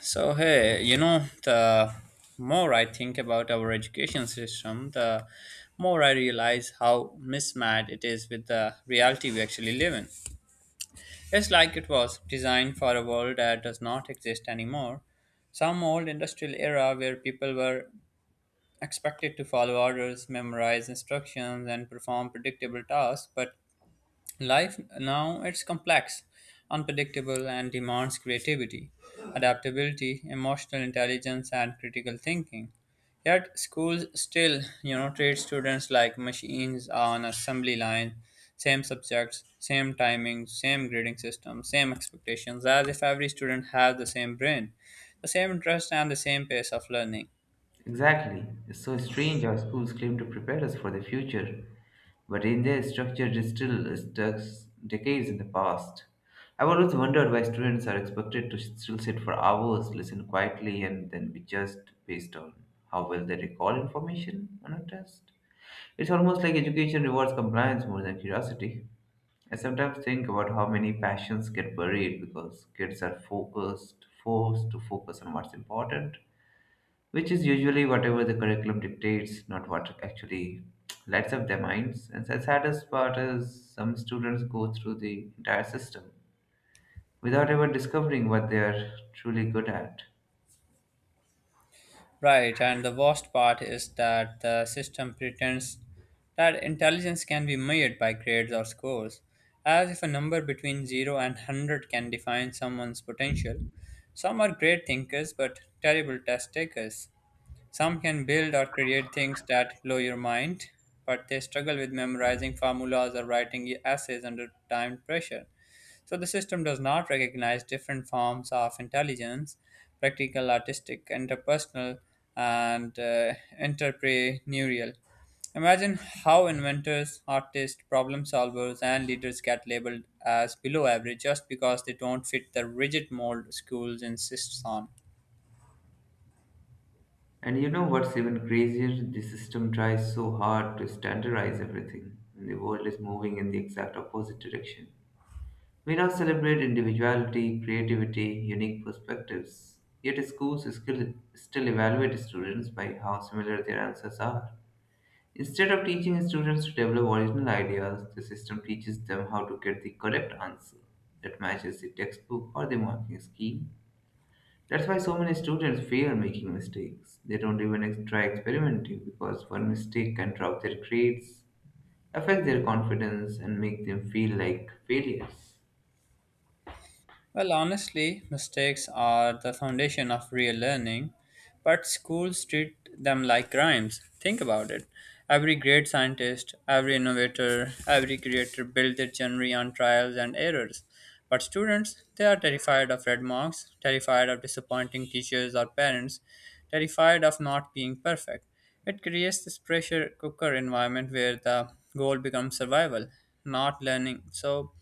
The more I think about our education system, the more I realize how mismatched it is with the reality we actually live in. It's like it was designed for a world that does not exist anymore. Some old industrial era where people were expected to follow orders, memorize instructions, and perform predictable tasks, but life now it's complex, unpredictable, and demands creativity, adaptability, emotional intelligence, and critical thinking. Yet schools still, you know, treat students like machines on assembly line: same subjects, same timings, same grading system, same expectations, as if every student had the same brain, the same interest, and the same pace of learning. Exactly. It's so strange how schools claim to prepare us for the future, but in their structure it still stuck decades in the past. I've always wondered why students are expected to still sit for hours, listen quietly, and then be judged based on how well they recall information on a test. It's almost like education rewards compliance more than curiosity. I sometimes think about how many passions get buried because kids are focused, forced to focus on what's important, which is usually whatever the curriculum dictates, not what actually lights up their minds. And the saddest part is some students go through the entire system without ever discovering what they are truly good at. Right, and the worst part is that the system pretends that intelligence can be measured by grades or scores, as if a number between 0 and 100 can define someone's potential. Some are great thinkers but terrible test takers, some can build or create things that blow your mind, but they struggle with memorizing formulas or writing essays under time pressure. So the system does not recognize different forms of intelligence: practical, artistic, interpersonal, and entrepreneurial. Imagine how inventors, artists, problem solvers, and leaders get labeled as below average just because they don't fit the rigid mold schools insist on. And you know what's even crazier? The system tries so hard to standardize everything, and the world is moving in the exact opposite direction. We now celebrate individuality, creativity, unique perspectives. Yet schools still evaluate students by how similar their answers are. Instead of teaching students to develop original ideas, the system teaches them how to get the correct answer that matches the textbook or the marking scheme. That's why so many students fear making mistakes. They don't even try experimenting because one mistake can drop their grades, affect their confidence, and make them feel like failures. Well, honestly, mistakes are the foundation of real learning, but schools treat them like crimes. Think about it. Every great scientist, every innovator, every creator built their journey on trials and errors. But students, they are terrified of red marks, terrified of disappointing teachers or parents, terrified of not being perfect. It creates this pressure cooker environment where the goal becomes survival, not learning. So,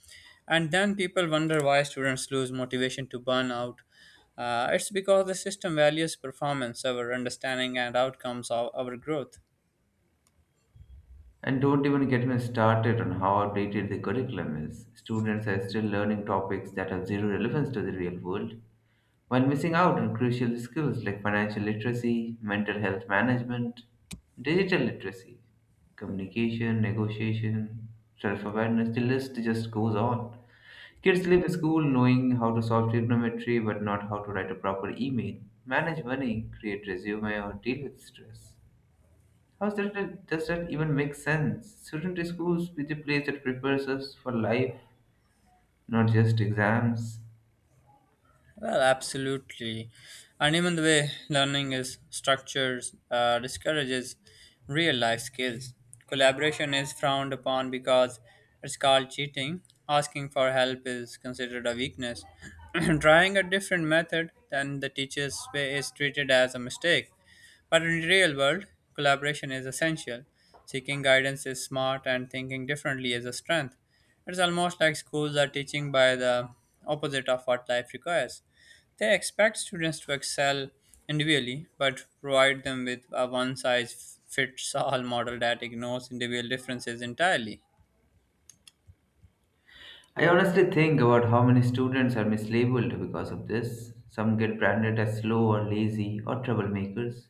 and then people wonder why students lose motivation to burn out. It's because the system values performance over understanding and outcomes of our growth. And don't even get me started on how outdated the curriculum is. Students are still learning topics that have zero relevance to the real world, while missing out on crucial skills like financial literacy, mental health management, digital literacy, communication, negotiation, self awareness. The list just goes on. Kids leave school knowing how to solve trigonometry but not how to write a proper email, manage money, create resume, or deal with stress. How does that even make sense? Shouldn't schools be the place that prepares us for life, not just exams? Well, absolutely. And even the way learning is structured discourages real life skills. Collaboration is frowned upon because it's called cheating. Asking for help is considered a weakness. Trying a different method than the teacher's way is treated as a mistake. But in the real world, collaboration is essential. Seeking guidance is smart, and thinking differently is a strength. It's almost like schools are teaching by the opposite of what life requires. They expect students to excel individually, but provide them with a one size fits all model that ignores individual differences entirely. I honestly think about how many students are mislabeled because of this. Some get branded as slow or lazy or troublemakers,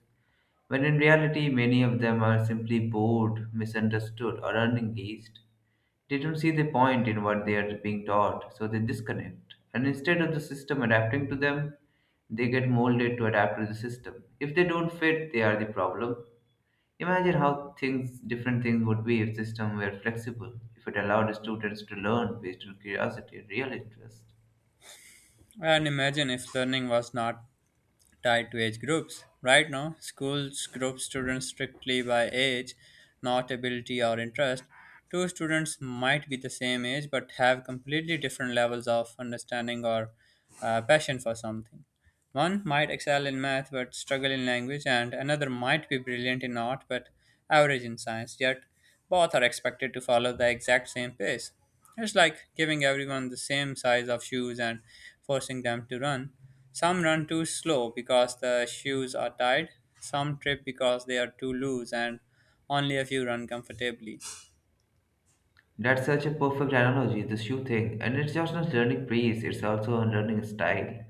when in reality, many of them are simply bored, misunderstood, or unengaged. They don't see the point in what they are being taught, so they disconnect. And instead of the system adapting to them, they get molded to adapt to the system. If they don't fit, they are the problem. Imagine how different things would be if system were flexible, if it allowed students to learn based on curiosity and real interest. And imagine if learning was not tied to age groups. Right now, schools group students strictly by age, not ability or interest. Two students might be the same age but have completely different levels of understanding or passion for something. One might excel in math but struggle in language, and another might be brilliant in art but average in science, yet both are expected to follow the exact same pace. It's like giving everyone the same size of shoes and forcing them to run. Some run too slow because the shoes are tied, some trip because they are too loose, and only a few run comfortably. That's such a perfect analogy, the shoe thing, and it's just not learning pace, it's also a learning style.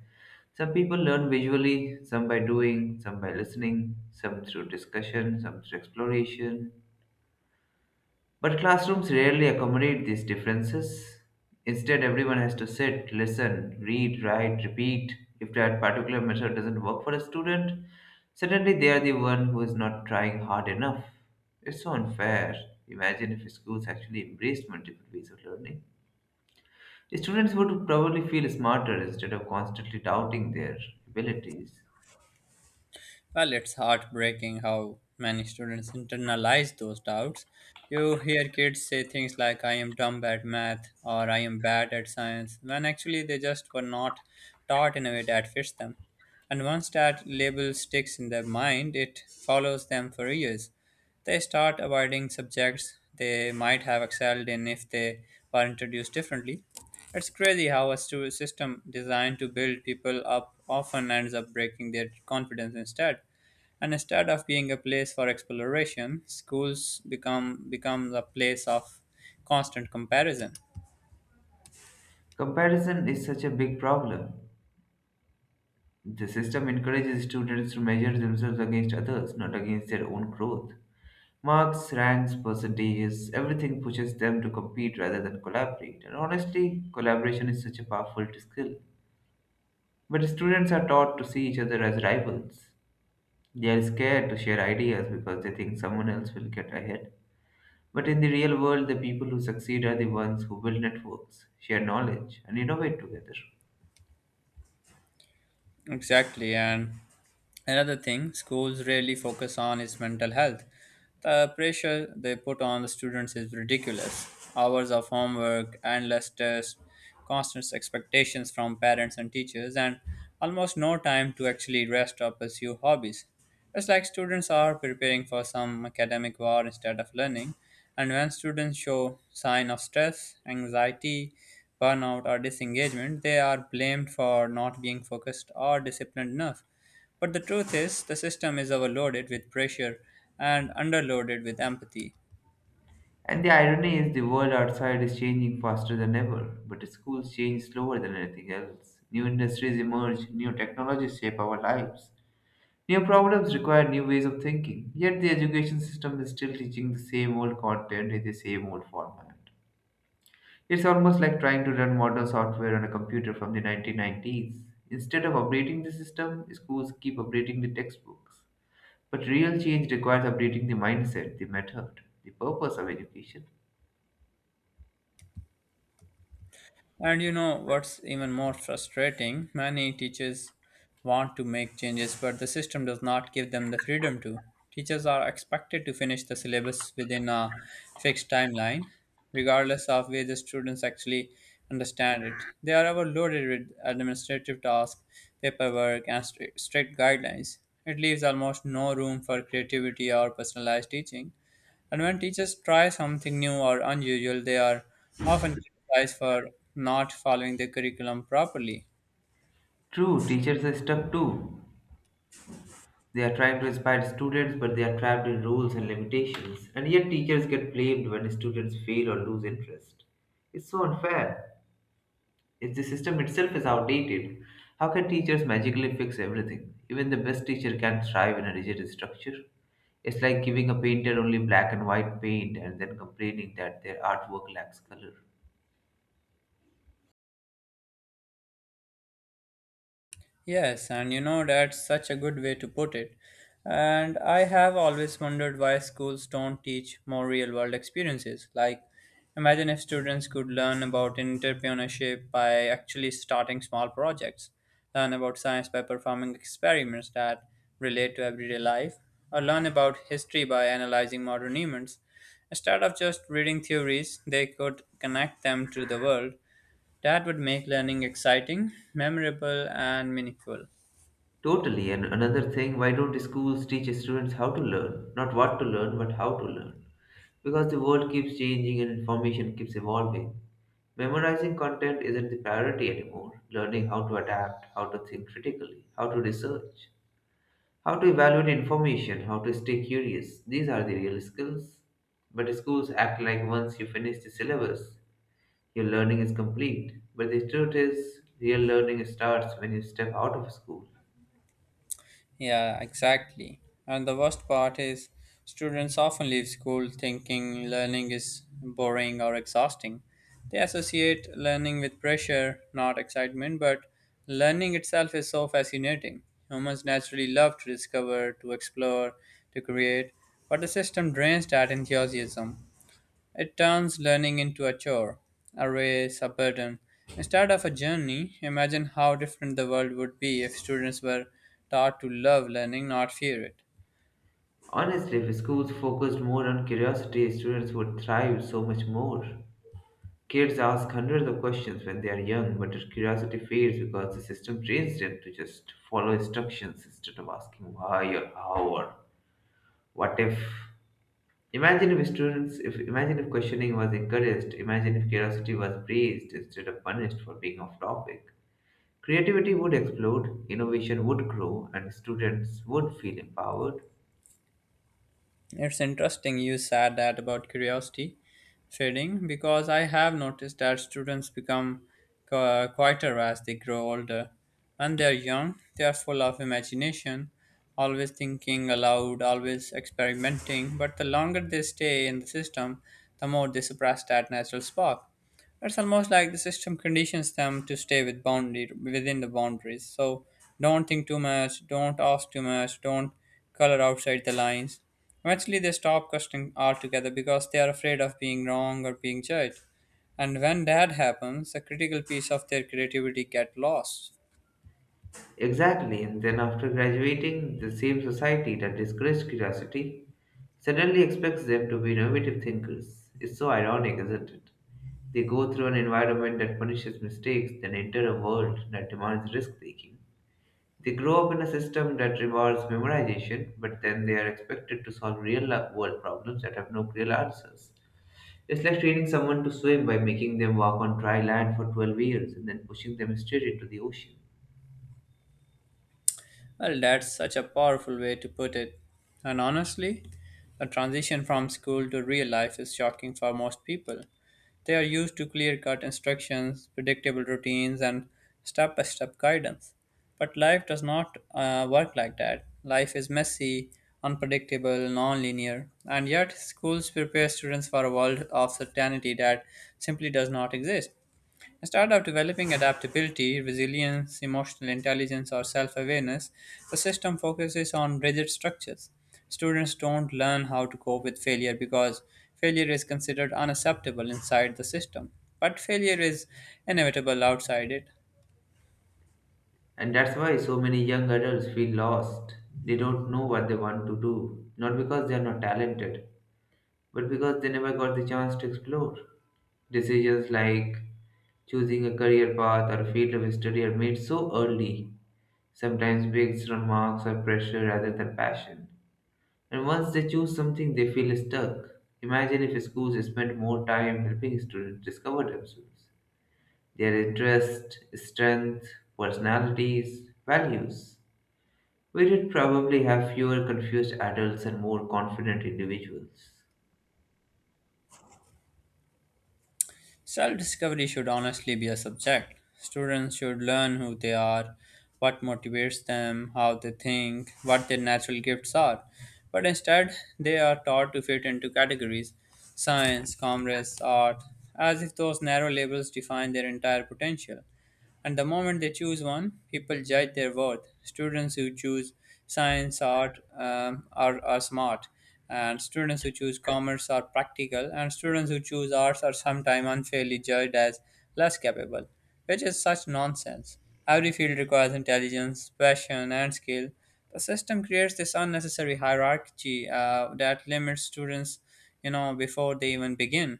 Some people learn visually, some by doing, some by listening, some through discussion, some through exploration. But classrooms rarely accommodate these differences. Instead, everyone has to sit, listen, read, write, repeat. If that particular method doesn't work for a student, suddenly they are the one who is not trying hard enough. It's so unfair. Imagine if schools actually embraced multiple ways of learning. Students would probably feel smarter instead of constantly doubting their abilities. Well, it's heartbreaking how many students internalize those doubts. You hear kids say things like, I am dumb at math or I am bad at science, when actually they just were not taught in a way that fits them. And once that label sticks in their mind, it follows them for years. They start avoiding subjects they might have excelled in if they were introduced differently. It's crazy how a system designed to build people up often ends up breaking their confidence instead. And instead of being a place for exploration, schools becomes a place of constant comparison. Comparison is such a big problem. The system encourages students to measure themselves against others, not against their own growth. Marks, ranks, percentages, everything pushes them to compete rather than collaborate. And honestly, collaboration is such a powerful skill. But students are taught to see each other as rivals. They are scared to share ideas because they think someone else will get ahead. But in the real world, the people who succeed are the ones who build networks, share knowledge, and innovate together. Exactly, and another thing schools rarely focus on is mental health. The pressure they put on the students is ridiculous. Hours of homework, endless tests, constant expectations from parents and teachers, and almost no time to actually rest or pursue hobbies. It's like students are preparing for some academic war instead of learning. And when students show sign of stress, anxiety, burnout, or disengagement, they are blamed for not being focused or disciplined enough. But the truth is, the system is overloaded with pressure and underloaded with empathy. And the irony is the world outside is changing faster than ever, but schools change slower than anything else. New industries emerge, new technologies shape our lives. New problems require new ways of thinking, yet the education system is still teaching the same old content in the same old format. It's almost like trying to learn modern software on a computer from the 1990s. Instead of updating the system, schools keep updating the textbooks. But real change requires updating the mindset, the method, the purpose of education. And you know what's even more frustrating? Many teachers want to make changes, but the system does not give them the freedom to. Teachers are expected to finish the syllabus within a fixed timeline, regardless of where the students actually understand it. They are overloaded with administrative tasks, paperwork, and strict guidelines. It leaves almost no room for creativity or personalized teaching. And when teachers try something new or unusual, they are often criticized for not following the curriculum properly. True, teachers are stuck too. They are trying to inspire students, but they are trapped in rules and limitations. And yet, teachers get blamed when students fail or lose interest. It's so unfair. If the system itself is outdated, how can teachers magically fix everything? Even the best teacher can't thrive in a rigid structure. It's like giving a painter only black and white paint and then complaining that their artwork lacks color. Yes, and you know that's such a good way to put it. And I have always wondered why schools don't teach more real world experiences. Like, imagine if students could learn about entrepreneurship by actually starting small projects, learn about science by performing experiments that relate to everyday life, or learn about history by analyzing modern events. Instead of just reading theories, they could connect them to the world. That would make learning exciting, memorable, and meaningful. Totally. And another thing, why don't schools teach students how to learn? Not what to learn, but how to learn. Because the world keeps changing and information keeps evolving. Memorizing content isn't the priority anymore. Learning how to adapt, how to think critically, how to research, how to evaluate information, how to stay curious. These are the real skills. But schools act like once you finish the syllabus, your learning is complete. But the truth is, real learning starts when you step out of school. Yeah, exactly. And the worst part is students often leave school thinking learning is boring or exhausting. They associate learning with pressure, not excitement, but learning itself is so fascinating. Humans naturally love to discover, to explore, to create, but the system drains that enthusiasm. It turns learning into a chore, a race, a burden, instead of a journey. Imagine how different the world would be if students were taught to love learning, not fear it. Honestly, if schools focused more on curiosity, students would thrive so much more. Kids ask hundreds of questions when they are young, but their curiosity fades because the system trains them to just follow instructions instead of asking why or how or what if. Imagine if questioning was encouraged. Imagine if curiosity was praised instead of punished for being off topic. Creativity would explode, innovation would grow, and students would feel empowered. It's interesting you said that about curiosity fading, because I have noticed that students become quieter as they grow older. When they're young, they are full of imagination, always thinking aloud, always experimenting, but the longer they stay in the system, the more they suppress that natural spark. It's almost like the system conditions them to stay with boundary within the boundaries. So don't think too much, don't ask too much, don't color outside the lines. Eventually, they stop questioning altogether because they are afraid of being wrong or being judged. And when that happens, a critical piece of their creativity get lost. Exactly, and then after graduating, the same society that discouraged curiosity suddenly expects them to be innovative thinkers. It's so ironic, isn't it? They go through an environment that punishes mistakes, then enter a world that demands risk taking. They grow up in a system that rewards memorization, but then they are expected to solve real world problems that have no clear answers. It's like training someone to swim by making them walk on dry land for 12 years and then pushing them straight into the ocean. Well, that's such a powerful way to put it. And honestly, the transition from school to real life is shocking for most people. They are used to clear cut instructions, predictable routines, and step by step guidance. But life does not work like that. Life is messy, unpredictable, non linear, and yet schools prepare students for a world of certainty that simply does not exist. Instead of developing adaptability, resilience, emotional intelligence, or self awareness, the system focuses on rigid structures. Students don't learn how to cope with failure because failure is considered unacceptable inside the system, but failure is inevitable outside it. And that's why so many young adults feel lost. They don't know what they want to do, not because they are not talented, but because they never got the chance to explore. Decisions like choosing a career path or field of study are made so early, sometimes based on marks or pressure rather than passion. And once they choose something, they feel stuck. Imagine if schools spent more time helping students discover themselves, their interests, strengths, personalities, values. We'd probably have fewer confused adults and more confident individuals. Self discovery should honestly be a subject. Students should learn who they are, what motivates them, how they think, what their natural gifts are. But instead, they are taught to fit into categories: science, commerce, art, as if those narrow labels define their entire potential. And the moment they choose one, people judge their worth. Students who choose science, art, are smart. And students who choose commerce are practical. And students who choose arts are sometimes unfairly judged as less capable, which is such nonsense. Every field requires intelligence, passion, and skill. The system creates this unnecessary hierarchy that limits students, you know, before they even begin.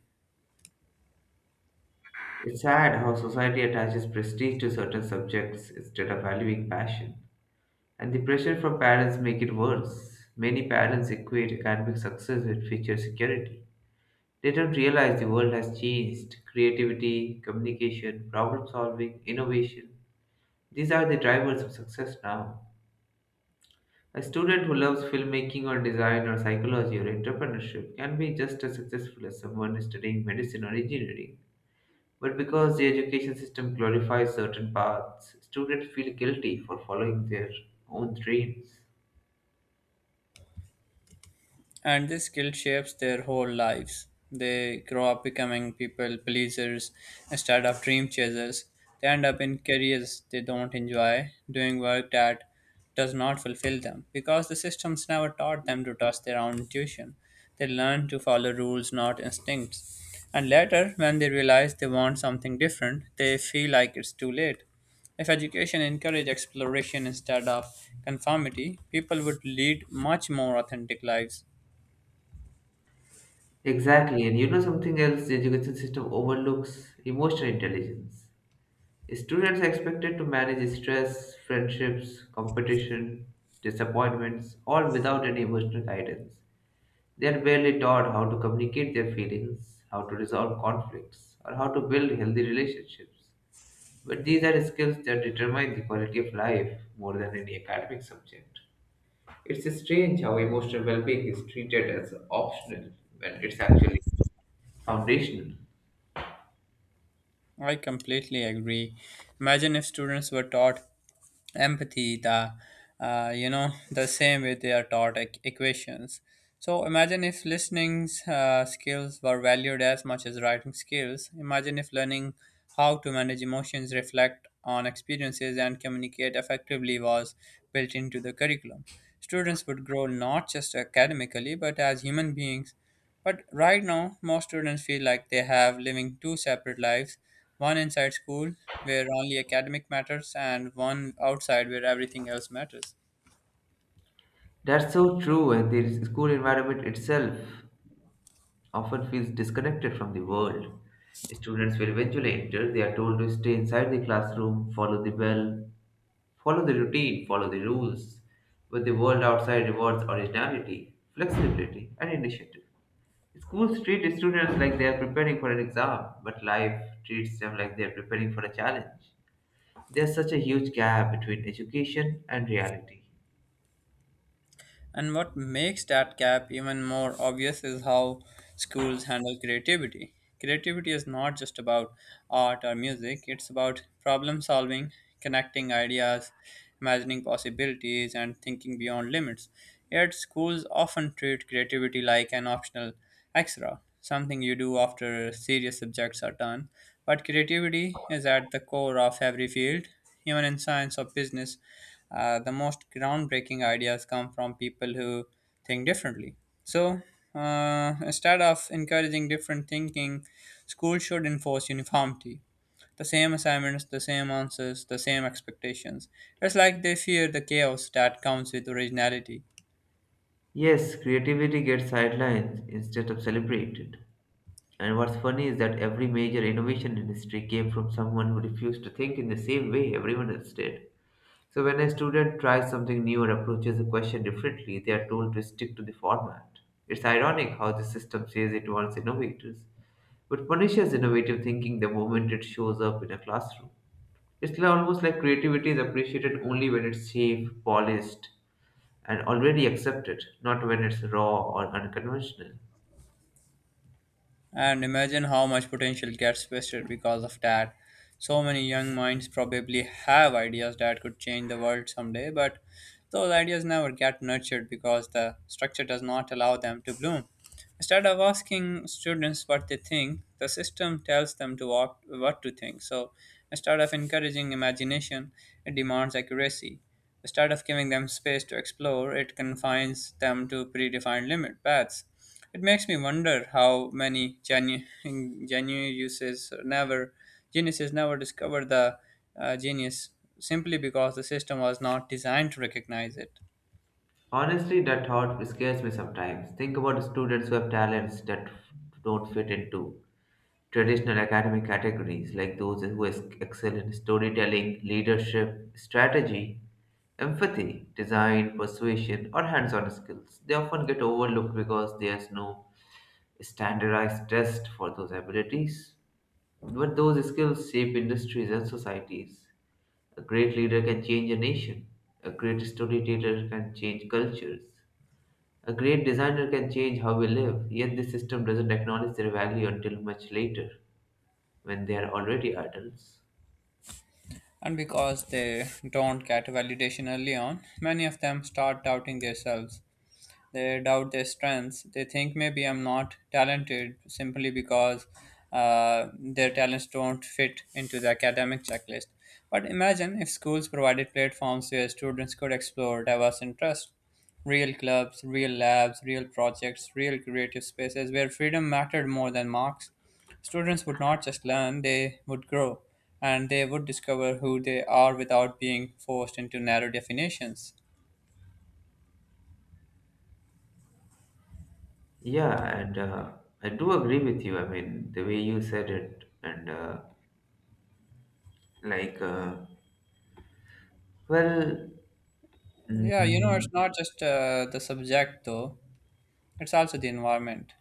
It's sad how society attaches prestige to certain subjects instead of valuing passion. And the pressure from parents make it worse. Many parents equate academic success with future security. They don't realize the world has changed. Creativity, communication, problem solving, innovation. These are the drivers of success now. A student who loves filmmaking or design or psychology or entrepreneurship can be just as successful as someone studying medicine or engineering. But because the education system glorifies certain paths, students feel guilty for following their own dreams. And this guilt shapes their whole lives. They grow up becoming people pleasers instead of dream chasers. They end up in careers they don't enjoy, doing work that does not fulfill them because the systems never taught them to trust their own intuition. They learn to follow rules, not instincts. And later, when they realize they want something different, they feel like it's too late. If education encouraged exploration instead of conformity, people would lead much more authentic lives. Exactly, and you know something else the education system overlooks emotional intelligence. Students are expected to manage stress, friendships, competition, disappointments, all without any emotional guidance. They are barely taught how to communicate their feelings, how to resolve conflicts, or how to build healthy relationships. But these are skills that determine the quality of life more than any academic subject. It's strange how emotional well being is treated as optional when it's actually foundational. I completely agree. Imagine if students were taught empathy, the you know the same way they are taught equations. So imagine if listening skills were valued as much as writing skills. Imagine if learning how to manage emotions, reflect on experiences, and communicate effectively was built into the curriculum. Students would grow not just academically but as human beings. But right now, most students feel like they have living 2 separate lives: one inside school, where only academic matters, and one outside, where everything else matters. That's so true, and the school environment itself often feels disconnected from the world. Students will eventually enter, they are told to stay inside the classroom, follow the bell, follow the routine, follow the rules. But the world outside rewards originality, flexibility, and initiative. Schools treat students like they are preparing for an exam, but life treats them like they are preparing for a challenge. There's such a huge gap between education and reality. And what makes that gap even more obvious is how schools handle creativity. Creativity is not just about art or music, it's about problem solving, connecting ideas, imagining possibilities, and thinking beyond limits. Yet, schools often treat creativity like an optional extra, something you do after serious subjects are done. But creativity is at the core of every field. Even in science or business, the most groundbreaking ideas come from people who think differently. So instead of encouraging different thinking, schools should enforce uniformity. The same assignments, the same answers, the same expectations. It's like they fear the chaos that comes with originality. Yes, creativity gets sidelined instead of celebrated. And what's funny is that every major innovation in history came from someone who refused to think in the same way everyone else did. So when a student tries something new or approaches a question differently, they are told to stick to the format. It's ironic how the system says it wants innovators, but punishes innovative thinking the moment it shows up in a classroom. Almost like creativity is appreciated only when it's safe, polished, and already accepted, not when it's raw or unconventional. And imagine how much potential gets wasted because of that. So many young minds probably have ideas that could change the world someday, but those ideas never get nurtured because the structure does not allow them to bloom. Instead of asking students what they think, the system tells them to what to think. So instead of encouraging imagination, it demands accuracy. Instead of giving them space to explore, it confines them to predefined limit paths. It makes me wonder how many genuine uses never geniuses never discover the genius simply because the system was not designed to recognize it. Honestly, that thought scares me sometimes. Think about students who have talents that don't fit into traditional academic categories, like those who excel in storytelling, leadership, strategy, empathy, design, persuasion, or hands on skills. They often get overlooked because there's no standardized test for those abilities. But those skills shape industries and societies. A great leader can change a nation, a great storyteller can change cultures. A great designer can change how we live, yet the system doesn't acknowledge their value until much later, when they are already adults. And because they don't get validation early on, many of them start doubting themselves. They doubt their strengths. They think maybe I'm not talented simply because their talents don't fit into the academic checklist. But imagine if schools provided platforms where students could explore diverse interests real clubs, real labs, real projects, real creative spaces where freedom mattered more than marks. Students would not just learn, they would grow and they would discover who they are without being forced into narrow definitions. Yeah, and I do agree with you. I mean, the way you said it, and like, well, Yeah, you know, it's mm, not just the subject though, it's also the environment.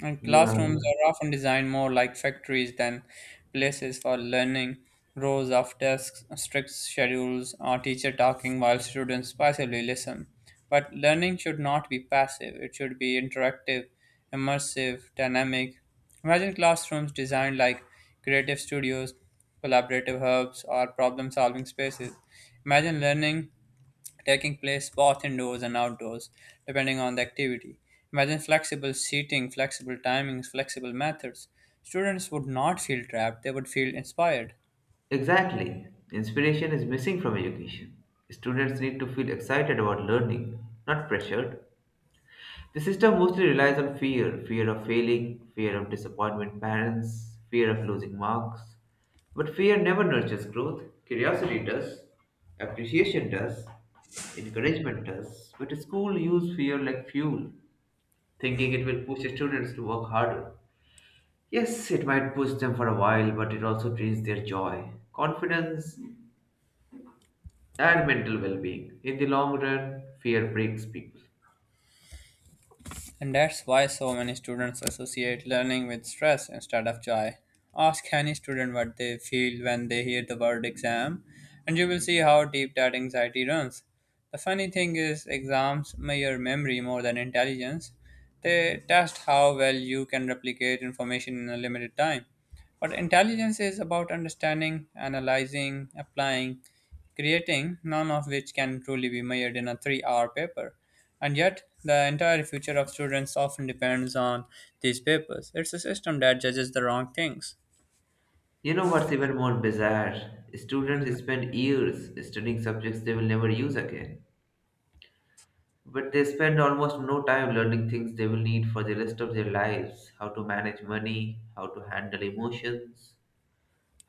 And yeah, classrooms are often designed more like factories than places for learning. Rows of desks, strict schedules, or teacher talking while students passively listen. But learning should not be passive, it should be interactive, immersive, dynamic. Imagine classrooms designed like creative studios, collaborative hubs, or problem solving spaces. Imagine learning taking place both indoors and outdoors, depending on the activity. Imagine flexible seating, flexible timings, flexible methods. Students would not feel trapped, they would feel inspired. exactly. Inspiration is missing from education. Students need to feel excited about learning, not pressured. The system mostly relies on fear fear of failing, fear of disappointment parents, fear of losing marks. But fear never nurtures growth. Curiosity does, appreciation does, encouragement does. But school use fear like fuel, thinking it will push students to work harder. Yes, it might push them for a while, but it also drains their joy, confidence, and mental well being. In the long run, fear breaks people. And that's why so many students associate learning with stress instead of joy. Ask any student what they feel when they hear the word exam, and you will see how deep that anxiety runs. The funny thing is, exams measure memory more than intelligence. They test how well you can replicate information in a limited time. But intelligence is about understanding, analyzing, applying creating none of which can truly be measured in a 3 hour paper. And yet, the entire future of students often depends on these papers. It's a system that judges the wrong things. You know what's even more bizarre? Mhm. Students spend years studying subjects they will never use again. But they spend almost no time learning things they will need for the rest of their lives how to manage money, how to handle emotions,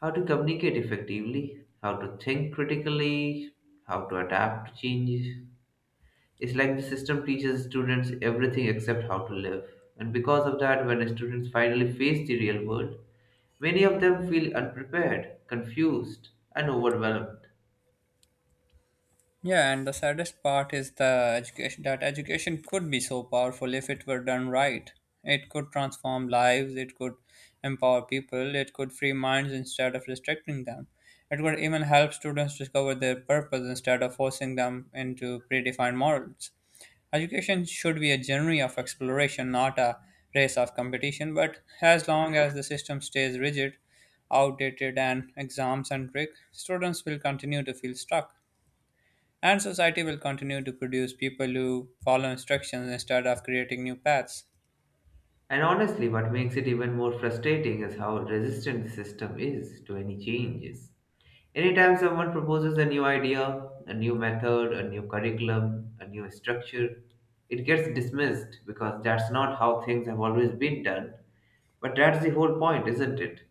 how to communicate effectively, how to think critically, how to adapt to change. It's like the system teaches students everything except how to live. And because of that, when students finally face the real world, many of them feel unprepared, confused, and overwhelmed. Yeah, and the saddest part is the education could be so powerful if it were done right. It could transform lives, it could empower people, it could free minds instead of restricting them. It could even help students discover their purpose instead of forcing them into predefined models. Education should be a journey of exploration, not a race of competition, but as long as the system stays rigid, outdated, and exam centric, students will continue to feel stuck. And society will continue to produce people who follow instructions instead of creating new paths. And honestly, what makes it even more frustrating is how resistant the system is to any changes. Anytime someone proposes a new idea, a new method, a new curriculum, a new structure, it gets dismissed because that's not how things have always been done. But that's the whole point, isn't it?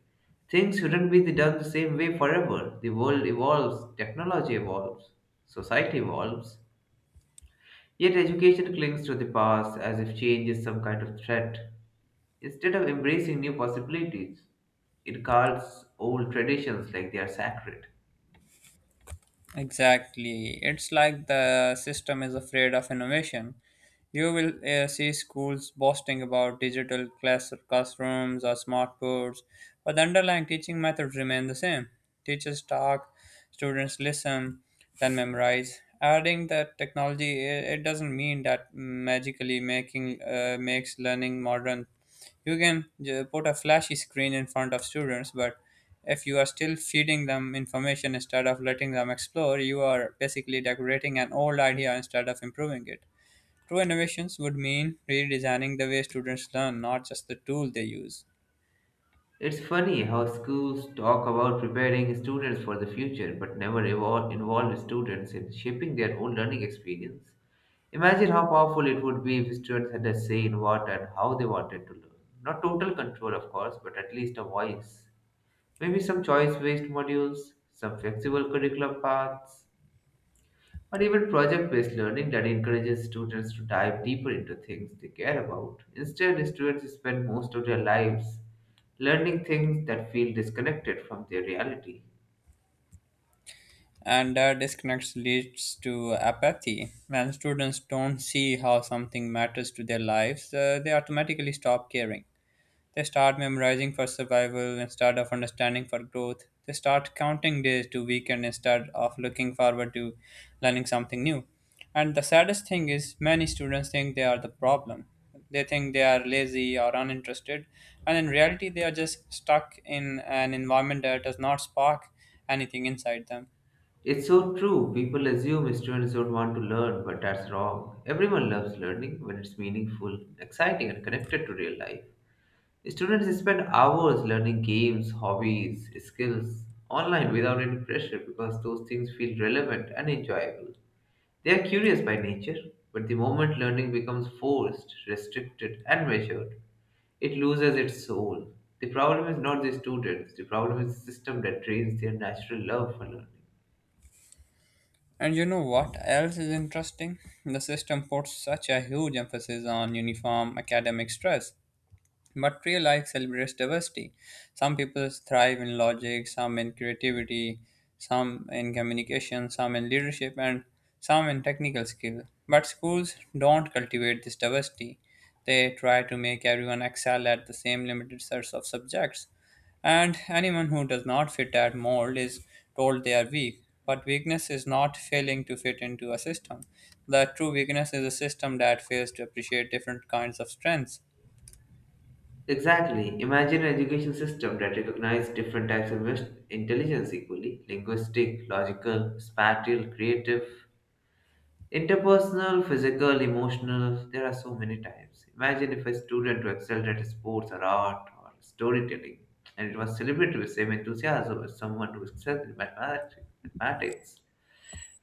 Things shouldn't be done the same way forever. The world evolves, technology evolves, society evolves, yet education clings to the past as if change is some kind of threat, instead of embracing new possibilities. It calls old traditions like they are sacred. Exactly. It's like the system is afraid of innovation. You will see schools boasting about digital classrooms or smart boards, but the underlying teaching methods remain the same. Teachers talk, students listen, then memorize. Adding that technology, it doesn't mean that magically making makes learning modern. You can put a flashy screen in front of students, but if you are still feeding them information instead of letting them explore, you are basically decorating an old idea instead of improving it. True innovations would mean redesigning the way students learn, not just the tool they use. It's funny how schools talk about preparing students for the future but never involve students in shaping their own learning experience. Imagine how powerful it would be if students had a say in what and how they wanted to learn. Not total control, of course, but at least a voice. Maybe some choice based modules, some flexible curriculum paths, or even project based learning that encourages students to dive deeper into things they care about. Instead, students spend most of their lives learning things that feel disconnected from their reality. And that disconnect leads to apathy. When students don't see how something matters to their lives, they automatically stop caring. They start memorizing for survival instead of understanding for growth. They start counting days to weekend instead of looking forward to learning something new. And the saddest thing is, many students think they are the problem. They think they are lazy or uninterested, and in reality, they are just stuck in an environment that does not spark anything inside them. It's so true, people assume students don't want to learn, but that's wrong. Everyone loves learning when it's meaningful, exciting, and connected to real life. Students spend hours learning games, hobbies, skills online without any pressure because those things feel relevant and enjoyable. They are curious by nature, but the moment learning becomes forced, restricted, and measured, it loses its soul. The problem is not the students, the problem is the system that drains their natural love for learning. And you know what else is interesting? The system puts such a huge emphasis on uniform academic stress. But real life celebrates diversity. Some people thrive in logic, some in creativity, some in communication, some in leadership, and some in technical skill. But schools don't cultivate this diversity. They try to make everyone excel at the same limited sets of subjects. And anyone who does not fit that mold is told they are weak. But weakness is not failing to fit into a system. The true weakness is a system that fails to appreciate different kinds of strengths. Exactly. Imagine an education system that recognizes different types of intelligence equally linguistic, logical, spatial, creative. Interpersonal, physical, emotional, there are so many types. Imagine if a student who excelled at sports or art or storytelling and it was celebrated with the same enthusiasm as someone who excelled in mathematics. Mathematics.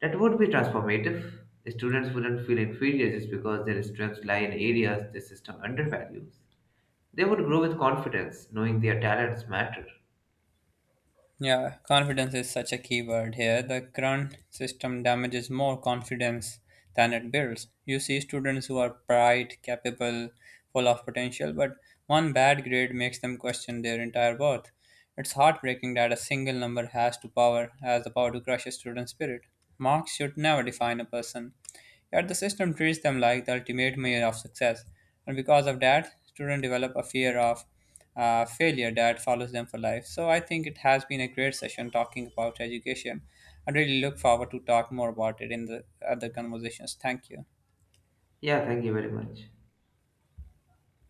That would be transformative. The students wouldn't feel inferior just because their strengths lie in areas the system undervalues. They would grow with confidence, knowing their talents matter. Yeah, confidence is such a key word here. The current system damages more confidence than it builds. You see students who are bright, capable, full of potential, but one bad grade makes them question their entire worth. It's heartbreaking that a single number has the power to crush a student's spirit. Marks should never define a person. Yet the system treats them like the ultimate measure of success, and because of that, students develop a fear of failure that follows them for life. So I think it has been a great session talking about education. I really look forward to talk more about it in the other conversations. Thank you. Yeah, thank you very much.